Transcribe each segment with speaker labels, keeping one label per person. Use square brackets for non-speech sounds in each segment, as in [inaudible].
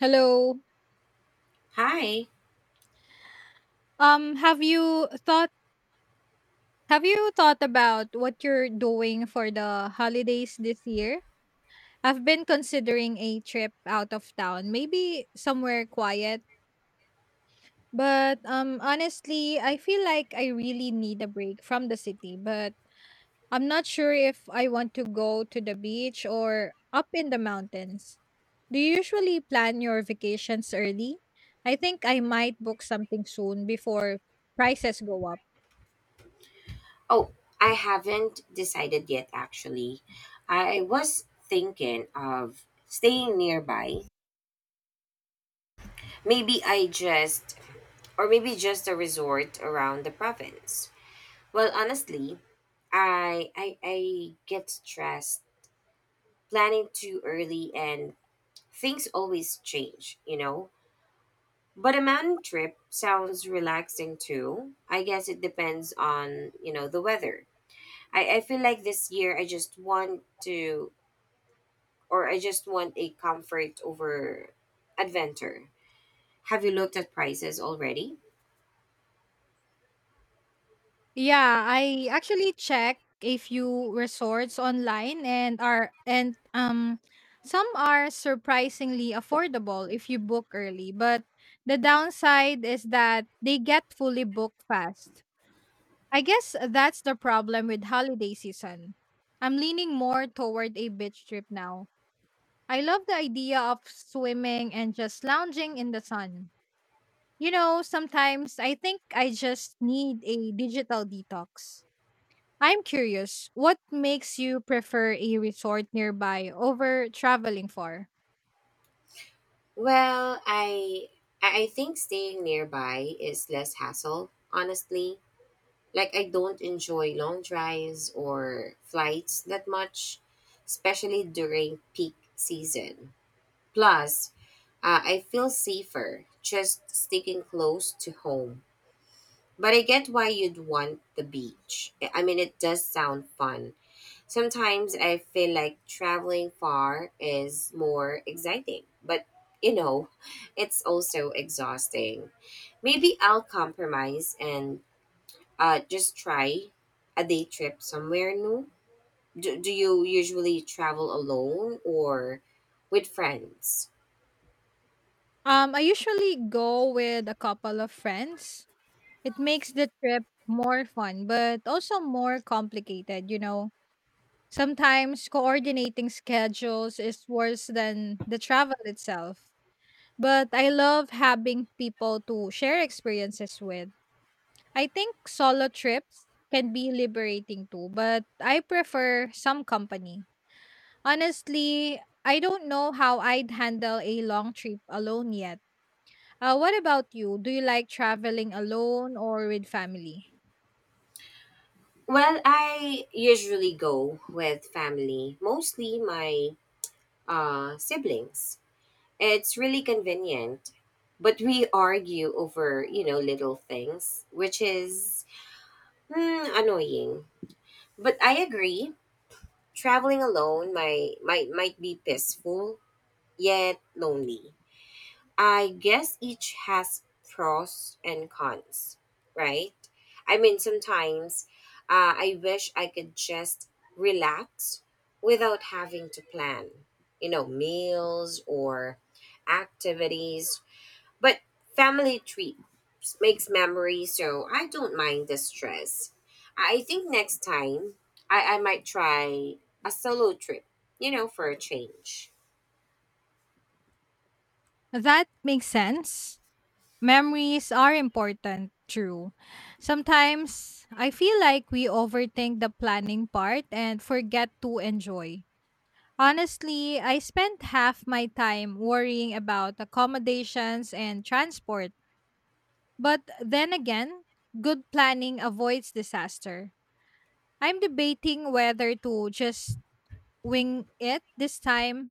Speaker 1: Hello.
Speaker 2: Hi.
Speaker 1: Um, have you thought have you thought about what you're doing for the holidays this year? I've been considering a trip out of town, maybe somewhere quiet, but honestly, I feel like I really need a break from the city, but I'm not sure if I want to go to the beach or up in the mountains. Do you usually plan your vacations early? I think I might book something soon before prices go up.
Speaker 2: Oh, I haven't decided yet actually. I was thinking of staying nearby. Maybe I just maybe just a resort around the province. Well, honestly, I get stressed planning too early and things always change, you know? But a mountain trip sounds relaxing too. I guess it depends on, the weather. I feel like this year to I just want a comfort over adventure. Have you looked at prices already?
Speaker 1: Yeah, I actually check a few resorts online and some are surprisingly affordable if you book early, but the downside is that they get fully booked fast. I guess that's the problem with holiday season. I'm leaning more toward a beach trip now. I love the idea of swimming and just lounging in the sun. You know, sometimes I think I just need a digital detox. I'm curious, what makes you prefer a resort nearby over traveling far?
Speaker 2: Well, I think staying nearby is less hassle, honestly. Like I don't enjoy long drives or flights that much, especially during peak season. Plus, I feel safer just sticking close to home. But I get why you'd want the beach. I mean, it does sound fun. Sometimes I feel like traveling far is more exciting, but you know, [laughs] it's also exhausting. Maybe I'll compromise and just try a day trip somewhere new. Do you usually travel alone or with friends?
Speaker 1: I usually go with a couple of friends. It makes the trip more fun, but also more complicated, you know. Sometimes coordinating schedules is worse than the travel itself. But I love having people to share experiences with. I think solo trips can be liberating too, but I prefer some company. Honestly, I don't know how I'd handle a long trip alone yet. What about you? Do you like traveling alone or with family?
Speaker 2: Well, I usually go with family, mostly my siblings. It's really convenient. But we argue over, little things, which is annoying. But I agree, traveling alone might be peaceful, yet lonely. I guess each has pros and cons, right? I mean, sometimes I wish I could just relax without having to plan, meals or activities, but family trips makes memories, so I don't mind the stress. I think next time I might try a solo trip, for a change.
Speaker 1: That makes sense. Memories are important, true. Sometimes I feel like we overthink the planning part and forget to enjoy. Honestly, I spent half my time worrying about accommodations and transport. But then again, good planning avoids disaster. I'm debating whether to just wing it this time.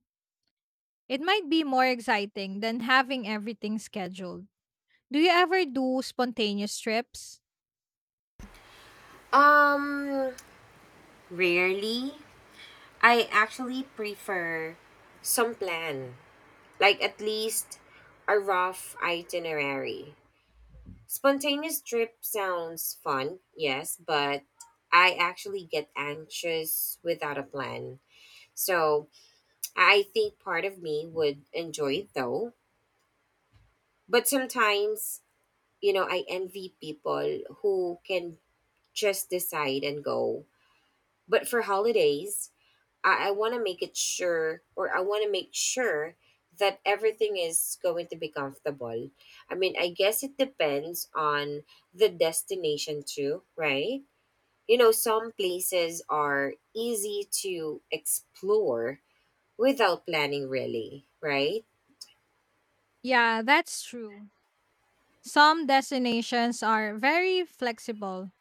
Speaker 1: It might be more exciting than having everything scheduled. Do you ever do spontaneous trips?
Speaker 2: Um, Rarely. I actually prefer some plan, like at least a rough itinerary. Spontaneous trip sounds fun, yes, but I actually get anxious without a plan. So I think part of me would enjoy it though. But sometimes, I envy people who can just decide and go. But for holidays, I want to make sure that everything is going to be comfortable. I mean, I guess it depends on the destination too, right? You know, some places are easy to explore without planning, really, right?
Speaker 1: Yeah, that's true. Some destinations are very flexible.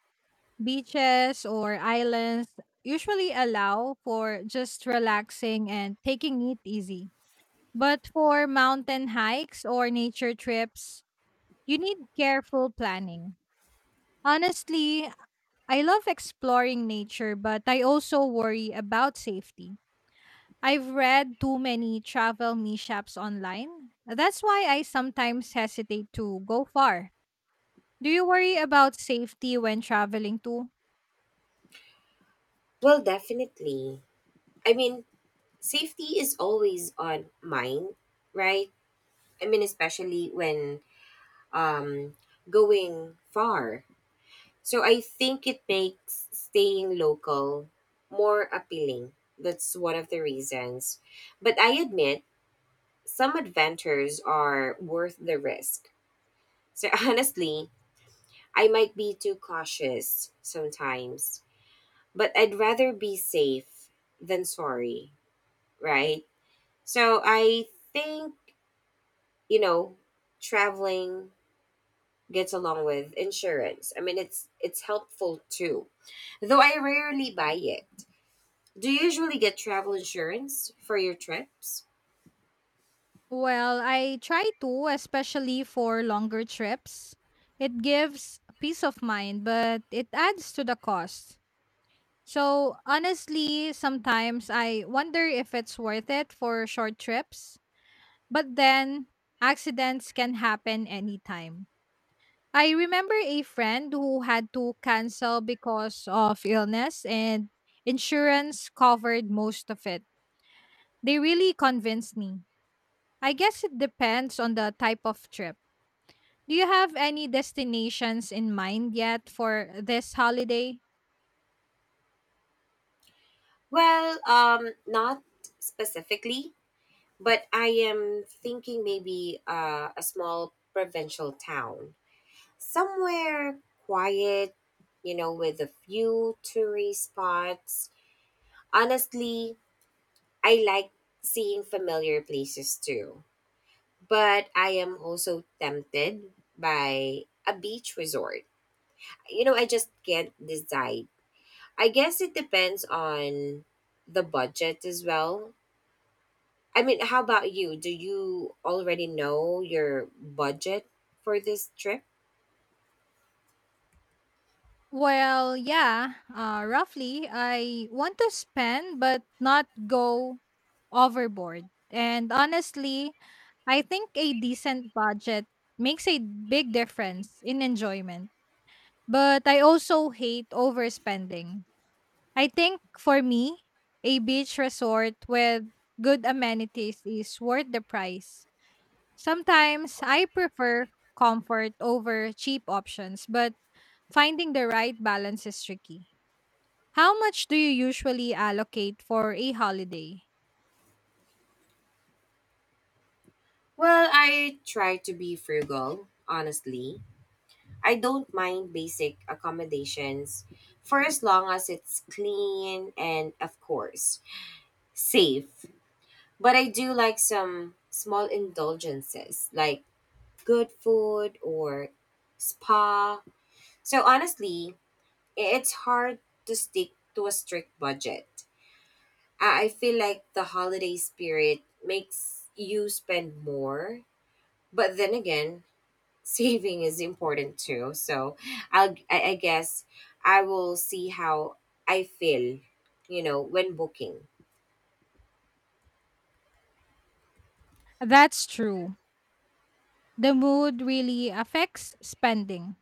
Speaker 1: Beaches or islands usually allow for just relaxing and taking it easy. But for mountain hikes or nature trips, you need careful planning. Honestly, I love exploring nature, but I also worry about safety. I've read too many travel mishaps online. That's why I sometimes hesitate to go far. Do you worry about safety when traveling too?
Speaker 2: Well, definitely. I mean, safety is always on mind, right? I mean, especially when um, going far. So I think it makes staying local more appealing. That's one of the reasons. But I admit, some adventures are worth the risk. So [laughs] honestly, I might be too cautious sometimes, but I'd rather be safe than sorry, right? So I think you know traveling gets along with insurance. I mean it's helpful too. Though I rarely buy it. Do you usually get travel insurance for your trips?
Speaker 1: Well, I try to, especially for longer trips. It gives peace of mind, but it adds to the cost. So, honestly, sometimes I wonder if it's worth it for short trips, but then accidents can happen anytime. I remember a friend who had to cancel because of illness and insurance covered most of it. They really convinced me. I guess it depends on the type of trip. Do you have any destinations in mind yet for this holiday?
Speaker 2: Well, not specifically, but I am thinking maybe a small provincial town. Somewhere quiet, with a few tourist spots. Honestly, I like seeing familiar places too, but I am also tempted by a beach resort. I just can't decide. I guess it depends on the budget as well. I mean, how about you? Do you already know your budget for this trip?
Speaker 1: Well, yeah, roughly. I want to spend but not go overboard. And honestly, I think a decent budget makes a big difference in enjoyment. But I also hate overspending. I think for me, a beach resort with good amenities is worth the price. Sometimes I prefer comfort over cheap options, but finding the right balance is tricky. How much do you usually allocate for a holiday?
Speaker 2: Well, I try to be frugal, honestly. I don't mind basic accommodations for as long as it's clean and, of course, safe. But I do like some small indulgences like good food or spa. So honestly, it's hard to stick to a strict budget. I feel like the holiday spirit makes you spend more, but then again, [laughs] saving is important too. So I guess I will see how I feel, when booking.
Speaker 1: That's true. The mood really affects spending.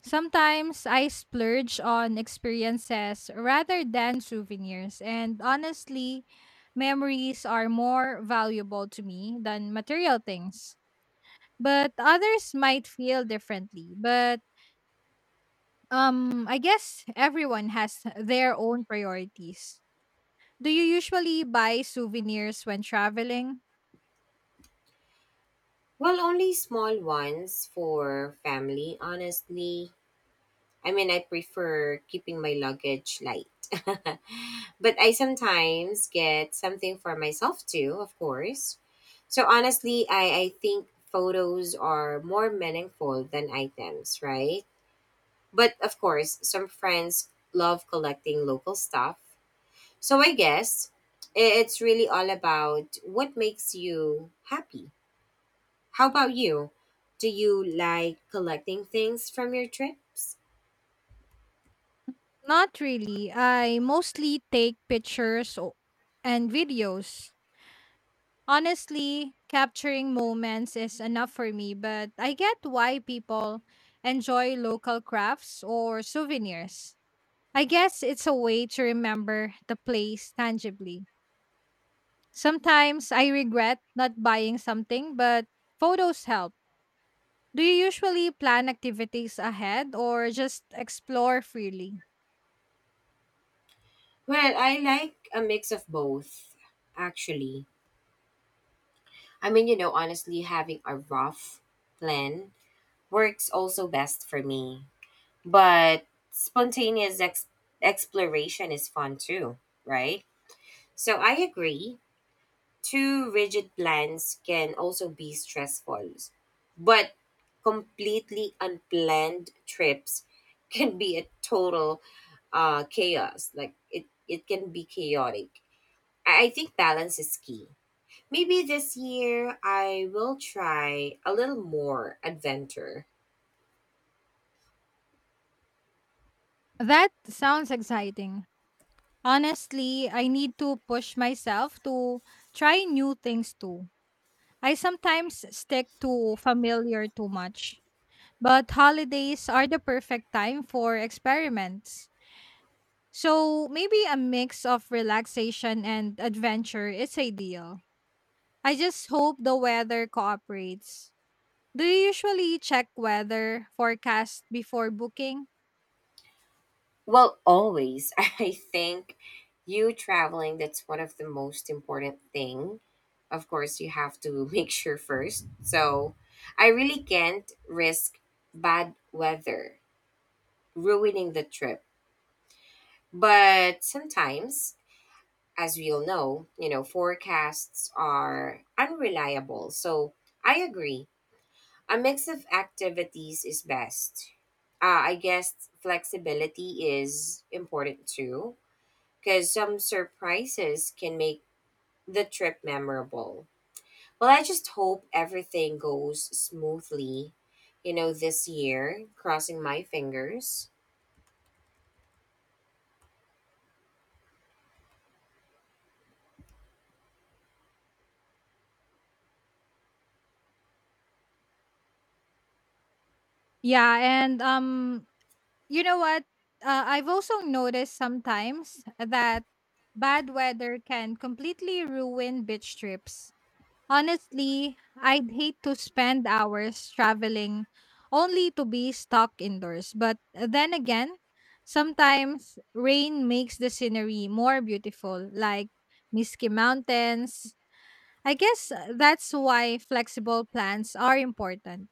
Speaker 1: Sometimes I splurge on experiences rather than souvenirs, and honestly, memories are more valuable to me than material things, but others might feel differently. But I guess everyone has their own priorities. Do you usually buy souvenirs when traveling?
Speaker 2: Well, only small ones for family, honestly. I mean, I prefer keeping my luggage light. [laughs] But I sometimes get something for myself too, of course. So honestly, I think photos are more meaningful than items, right? But of course, some friends love collecting local stuff. So I guess it's really all about what makes you happy. How about you? Do you like collecting things from your trips?
Speaker 1: Not really. I mostly take pictures and videos. Honestly, capturing moments is enough for me, but I get why people enjoy local crafts or souvenirs. I guess it's a way to remember the place tangibly. Sometimes I regret not buying something, but photos help. Do you usually plan activities ahead or just explore freely?
Speaker 2: Well, I like a mix of both, actually. I mean, honestly, having a rough plan works also best for me. But spontaneous exploration is fun too, right? So I agree. Too rigid plans can also be stressful, but completely unplanned trips [laughs] can be a total chaos. Like it can be chaotic. I think balance is key. Maybe this year I will try a little more adventure.
Speaker 1: That sounds exciting. Honestly, I need to push myself to try new things too. I sometimes stick to familiar too much, but holidays are the perfect time for experiments. So maybe a mix of relaxation and adventure is ideal. I just hope the weather cooperates. Do you usually check weather forecast before booking?
Speaker 2: Well, always. [laughs] I think you traveling, that's one of the most important thing. Of course, you have to [laughs] make sure first. So I really can't risk bad weather ruining the trip. But sometimes, as we all know, forecasts are unreliable. So I agree. A mix of activities is best. I guess flexibility is important too because some surprises can make the trip memorable. Well, I just hope everything goes smoothly, this year, crossing my fingers.
Speaker 1: Yeah, and you know what? I've also noticed sometimes that bad weather can completely ruin beach trips. Honestly, I'd hate to spend hours traveling only to be stuck indoors. But then again, sometimes rain makes the scenery more beautiful, like misty mountains. I guess that's why flexible plans are important.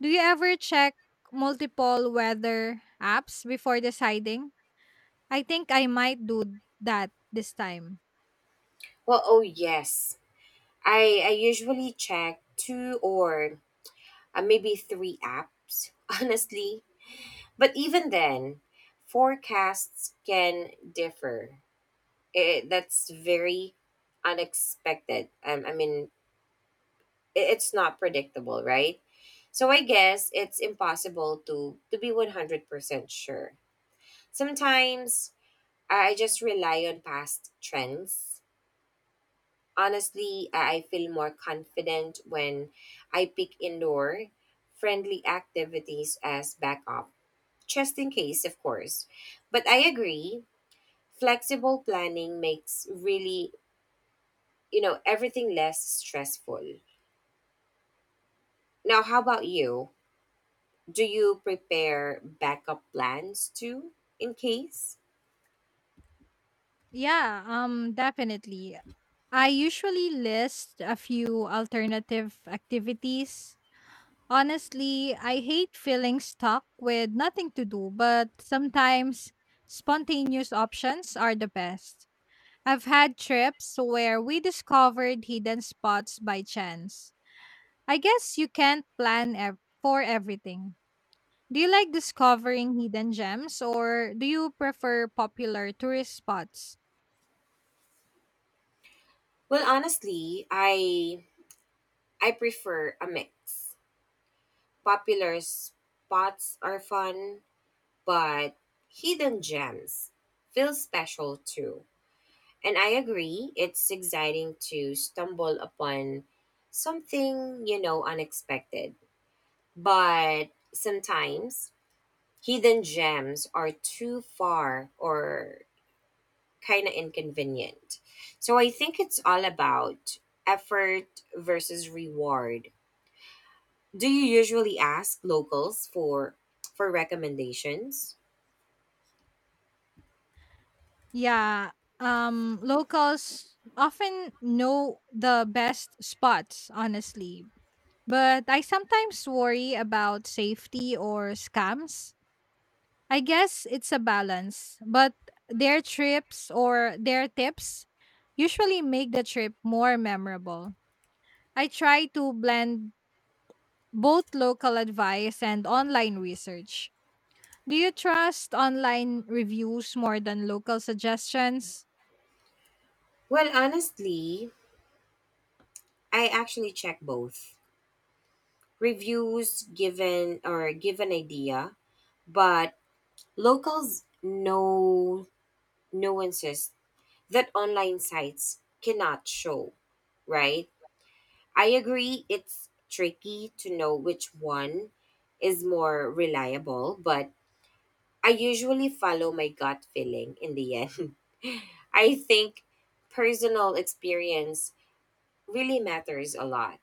Speaker 1: Do you ever check multiple weather apps before deciding? I think I might do that this time.
Speaker 2: Well, oh yes. I usually check two or maybe three apps, [laughs] honestly. But even then, forecasts can differ. That's very unexpected. I mean, it's not predictable, right? So I guess it's impossible to be 100% sure. Sometimes I just rely on past trends. Honestly, I feel more confident when I pick indoor friendly activities as backup, just in case, of course. But I agree, flexible planning makes really, everything less stressful. Now, how about you? Do you prepare backup plans too in case?
Speaker 1: Yeah, definitely. I usually list a few alternative activities. Honestly, I hate feeling stuck with nothing to do, but sometimes spontaneous options are the best. I've had trips where we discovered hidden spots by chance. I guess you can't plan for everything. Do you like discovering hidden gems or do you prefer popular tourist spots?
Speaker 2: Well, honestly, I prefer a mix. Popular spots are fun, but hidden gems feel special too. And I agree, it's exciting to stumble upon something, unexpected. But sometimes hidden gems are too far or kind of inconvenient. So I think it's all about effort versus reward. Do you usually ask locals for recommendations?
Speaker 1: Yeah. Locals often know the best spots, honestly. But I sometimes worry about safety or scams. I guess it's a balance, but their trips or their tips usually make the trip more memorable. I try to blend both local advice and online research. Do you trust online reviews more than local suggestions?
Speaker 2: Well, honestly, I actually check both. Reviews give an idea, but locals know nuances that online sites cannot show, right? I agree it's tricky to know which one is more reliable, but I usually follow my gut feeling in the end. [laughs] I think personal experience really matters a lot.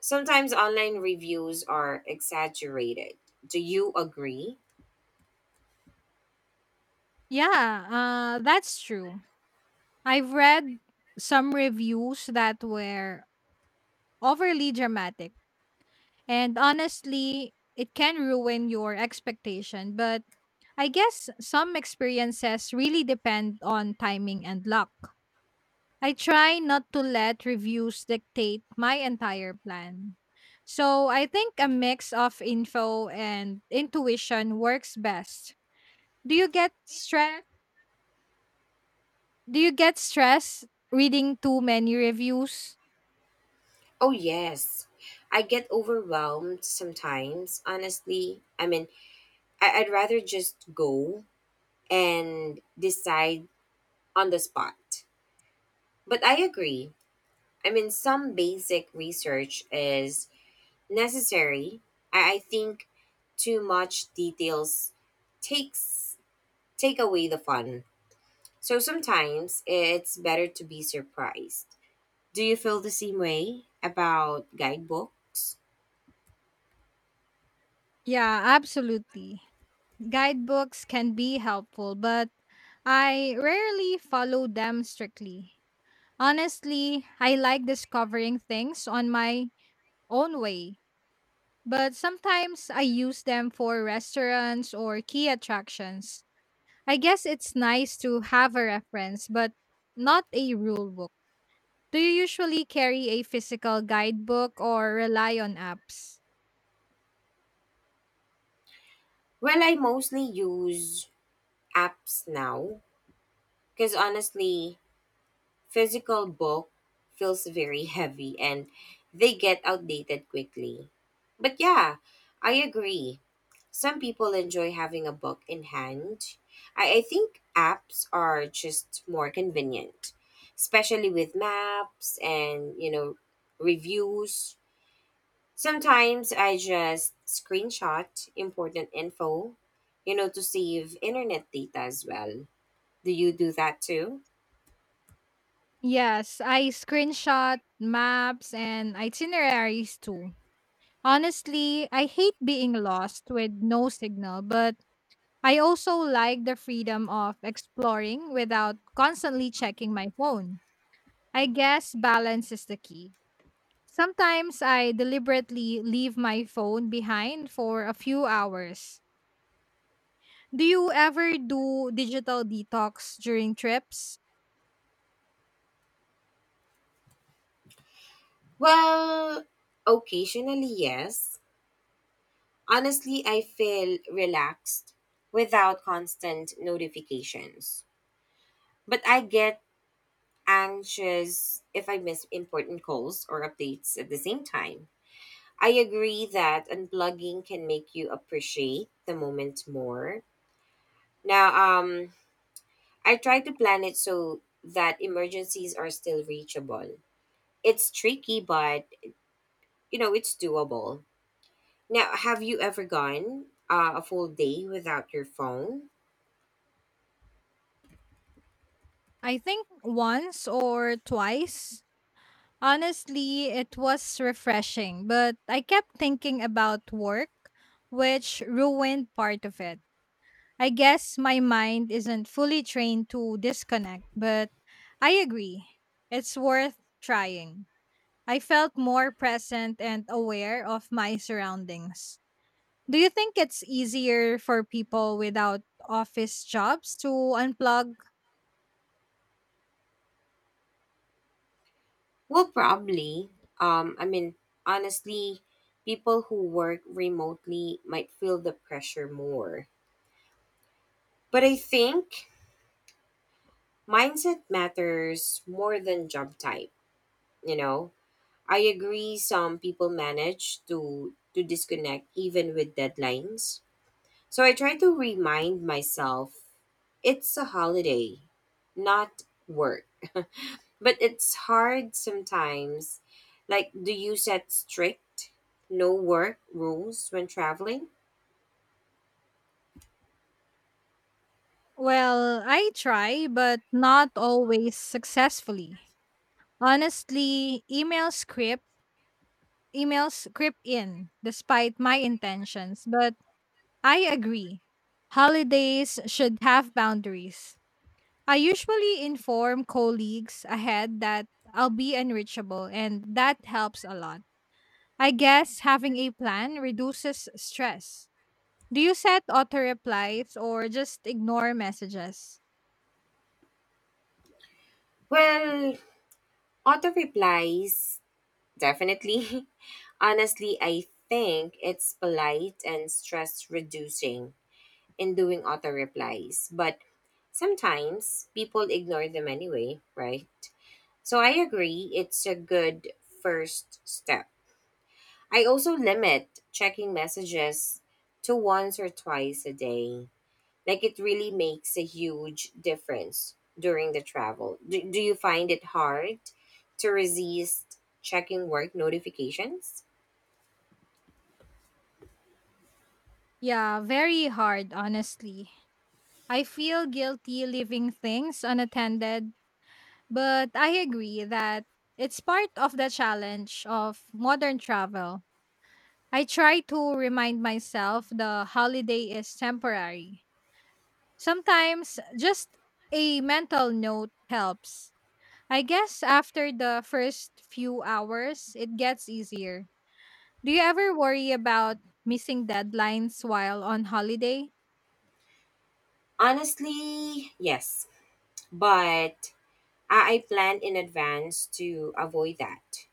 Speaker 2: Sometimes online reviews are exaggerated. Do you agree?
Speaker 1: Yeah, that's true. I've read some reviews that were overly dramatic, and honestly, it can ruin your expectation. But I guess some experiences really depend on timing and luck. I try not to let reviews dictate my entire plan. So I think a mix of info and intuition works best. Do you get stress? Do you get stress reading too many reviews?
Speaker 2: Oh, yes. I get overwhelmed sometimes, honestly. I mean, I'd rather just go and decide on the spot. But I agree. I mean, some basic research is necessary. I think too much details takes take away the fun. So sometimes it's better to be surprised. Do you feel the same way about guidebooks?
Speaker 1: Yeah, absolutely. Guidebooks can be helpful, but I rarely follow them strictly. Honestly, I like discovering things on my own way, but sometimes I use them for restaurants or key attractions. I guess it's nice to have a reference, but not a rule book. Do you usually carry a physical guidebook or rely on apps?
Speaker 2: Well, I mostly use apps now because honestly, physical book feels very heavy and they get outdated quickly. But yeah, I agree. Some people enjoy having a book in hand. I think apps are just more convenient, especially with maps and, reviews. Sometimes I just screenshot important info, to save internet data as well. Do you do that too?
Speaker 1: Yes, I screenshot maps and itineraries too. Honestly, I hate being lost with no signal, but I also like the freedom of exploring without constantly checking my phone. I guess balance is the key. Sometimes I deliberately leave my phone behind for a few hours. Do you ever do digital detox during trips?
Speaker 2: Well, occasionally, yes. Honestly, I feel relaxed without constant notifications. But I get anxious if I miss important calls or updates at the same time. I agree that unplugging can make you appreciate the moment more. Now, I try to plan it so that emergencies are still reachable. It's tricky, but it's doable. Now, have you ever gone a full day without your phone?
Speaker 1: I think once or twice. Honestly, it was refreshing, but I kept thinking about work, which ruined part of it. I guess my mind isn't fully trained to disconnect, but I agree. It's worth trying. I felt more present and aware of my surroundings. Do you think it's easier for people without office jobs to unplug?
Speaker 2: Well, probably. I mean, honestly, people who work remotely might feel the pressure more. But I think mindset matters more than job type, you know? I agree some people manage to disconnect even with deadlines. So I try to remind myself it's a holiday, not work. But it's hard sometimes. Like, do you set strict no work rules when traveling?
Speaker 1: Well, I try, but not always successfully. Honestly, emails creep in despite my intentions, but I agree. Holidays should have boundaries. I usually inform colleagues ahead that I'll be unreachable, and that helps a lot. I guess having a plan reduces stress. Do you set auto replies or just ignore messages?
Speaker 2: Well, auto replies, definitely. [laughs] Honestly, I think it's polite and stress reducing in doing auto replies, but sometimes people ignore them anyway, right? So I agree, it's a good first step. I also limit checking messages to once or twice a day. Like it really makes a huge difference during the travel. Do you find it hard to resist checking work notifications?
Speaker 1: Yeah, very hard, honestly. I feel guilty leaving things unattended, but I agree that it's part of the challenge of modern travel. I try to remind myself the holiday is temporary. Sometimes just a mental note helps. I guess after the first few hours, it gets easier. Do you ever worry about missing deadlines while on holiday?
Speaker 2: Honestly, yes, but I plan in advance to avoid that.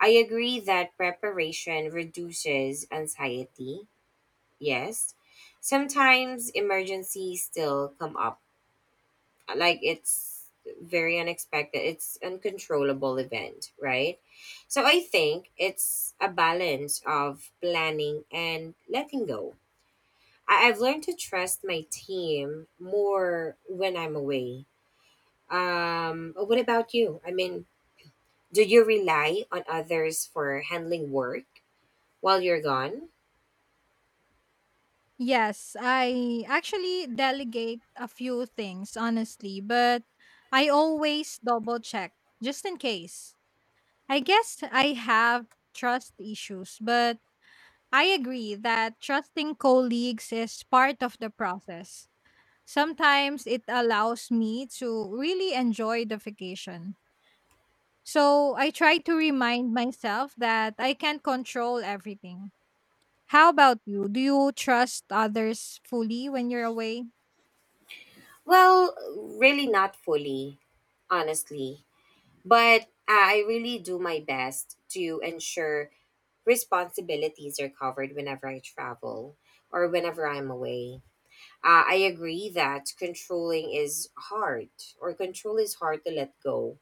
Speaker 2: I agree that preparation reduces anxiety, yes. Sometimes emergencies still come up, like it's very unexpected. It's uncontrollable event, right? So I think it's a balance of planning and letting go. I've learned to trust my team more when I'm away. What about you? I mean, do you rely on others for handling work while you're gone?
Speaker 1: Yes, I actually delegate a few things, honestly, but I always double check just in case. I guess I have trust issues, but I agree that trusting colleagues is part of the process. Sometimes it allows me to really enjoy the vacation. So I try to remind myself that I can't control everything. How about you? Do you trust others fully when you're away?
Speaker 2: Well, really not fully, honestly, but I really do my best to ensure responsibilities are covered whenever I travel or whenever I'm away. I agree that control is hard to let go,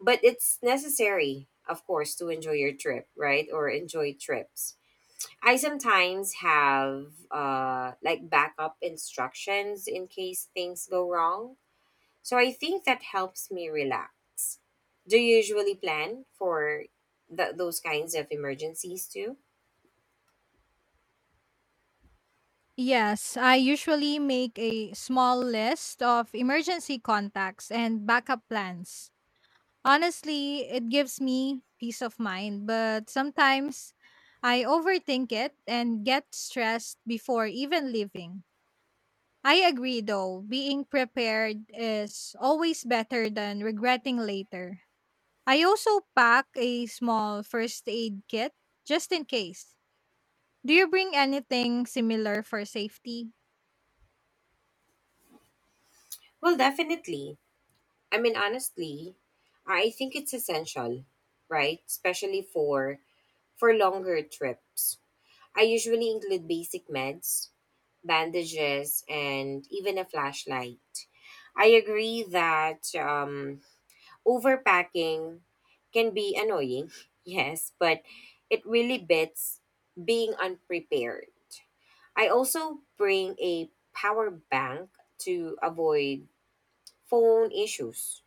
Speaker 2: but it's necessary, of course, to enjoy your trip, right? Or enjoy trips. I sometimes have like backup instructions in case things go wrong. So I think that helps me relax. Do you usually plan for those kinds of emergencies too?
Speaker 1: Yes, I usually make a small list of emergency contacts and backup plans. Honestly, it gives me peace of mind, but sometimes I overthink it and get stressed before even leaving. I agree though, being prepared is always better than regretting later. I also pack a small first aid kit just in case. Do you bring anything similar for safety?
Speaker 2: Well, definitely. I mean, honestly, I think it's essential, right? Especially for longer trips. I usually include basic meds, bandages, and even a flashlight. I agree that overpacking can be annoying, [laughs] yes, but it really beats being unprepared. I also bring a power bank to avoid phone issues,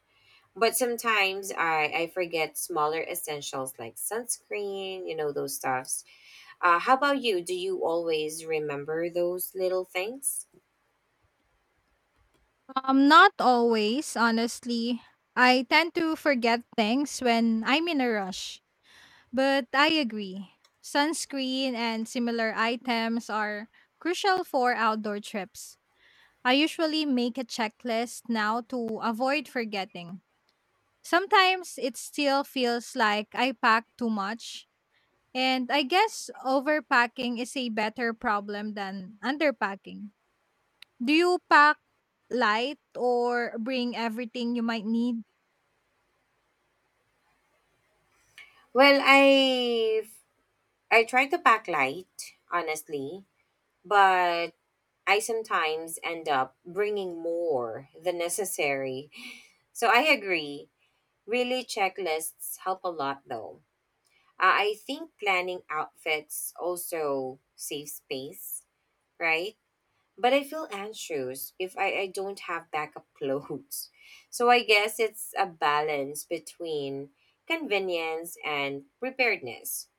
Speaker 2: but sometimes I forget smaller essentials like sunscreen, those stuffs. How about you? Do you always remember those little things?
Speaker 1: Not always, honestly. I tend to forget things when I'm in a rush, but I agree. Sunscreen and similar items are crucial for outdoor trips. I usually make a checklist now to avoid forgetting. Sometimes it still feels like I pack too much, and I guess overpacking is a better problem than underpacking. Do you pack light or bring everything you might need?
Speaker 2: Well, I try to pack light, honestly, but I sometimes end up bringing more than necessary. So I agree. Really, checklists help a lot, though. I think planning outfits also saves space, right? But I feel anxious if I don't have backup [laughs] clothes. So I guess it's a balance between convenience and preparedness.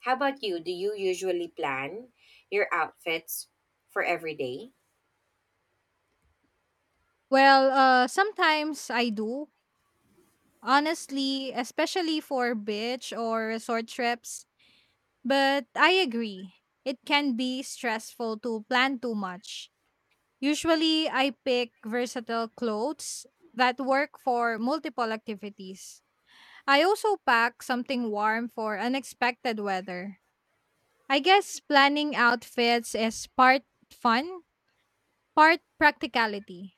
Speaker 2: How about you? Do you usually plan your outfits for every day?
Speaker 1: Well, sometimes I do, honestly, especially for beach or resort trips. But I agree, it can be stressful to plan too much. Usually, I pick versatile clothes that work for multiple activities. I also pack something warm for unexpected weather. I guess planning outfits is part fun, part practicality.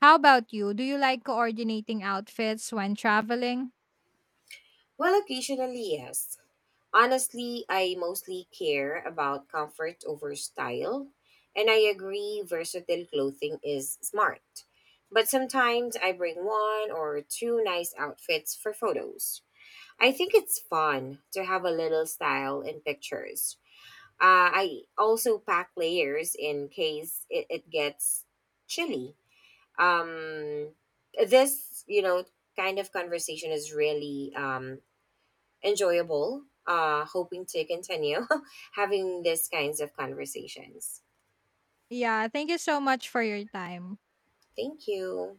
Speaker 1: How about you? Do you like coordinating outfits when traveling?
Speaker 2: Well, occasionally, yes. Honestly, I mostly care about comfort over style. And I agree, versatile clothing is smart. But sometimes I bring one or two nice outfits for photos. I think it's fun to have a little style in pictures. I also pack layers in case it gets chilly. Um, this, kind of conversation is really enjoyable. Hoping to continue [laughs] having these kinds of conversations.
Speaker 1: Yeah, thank you so much for your time.
Speaker 2: Thank you.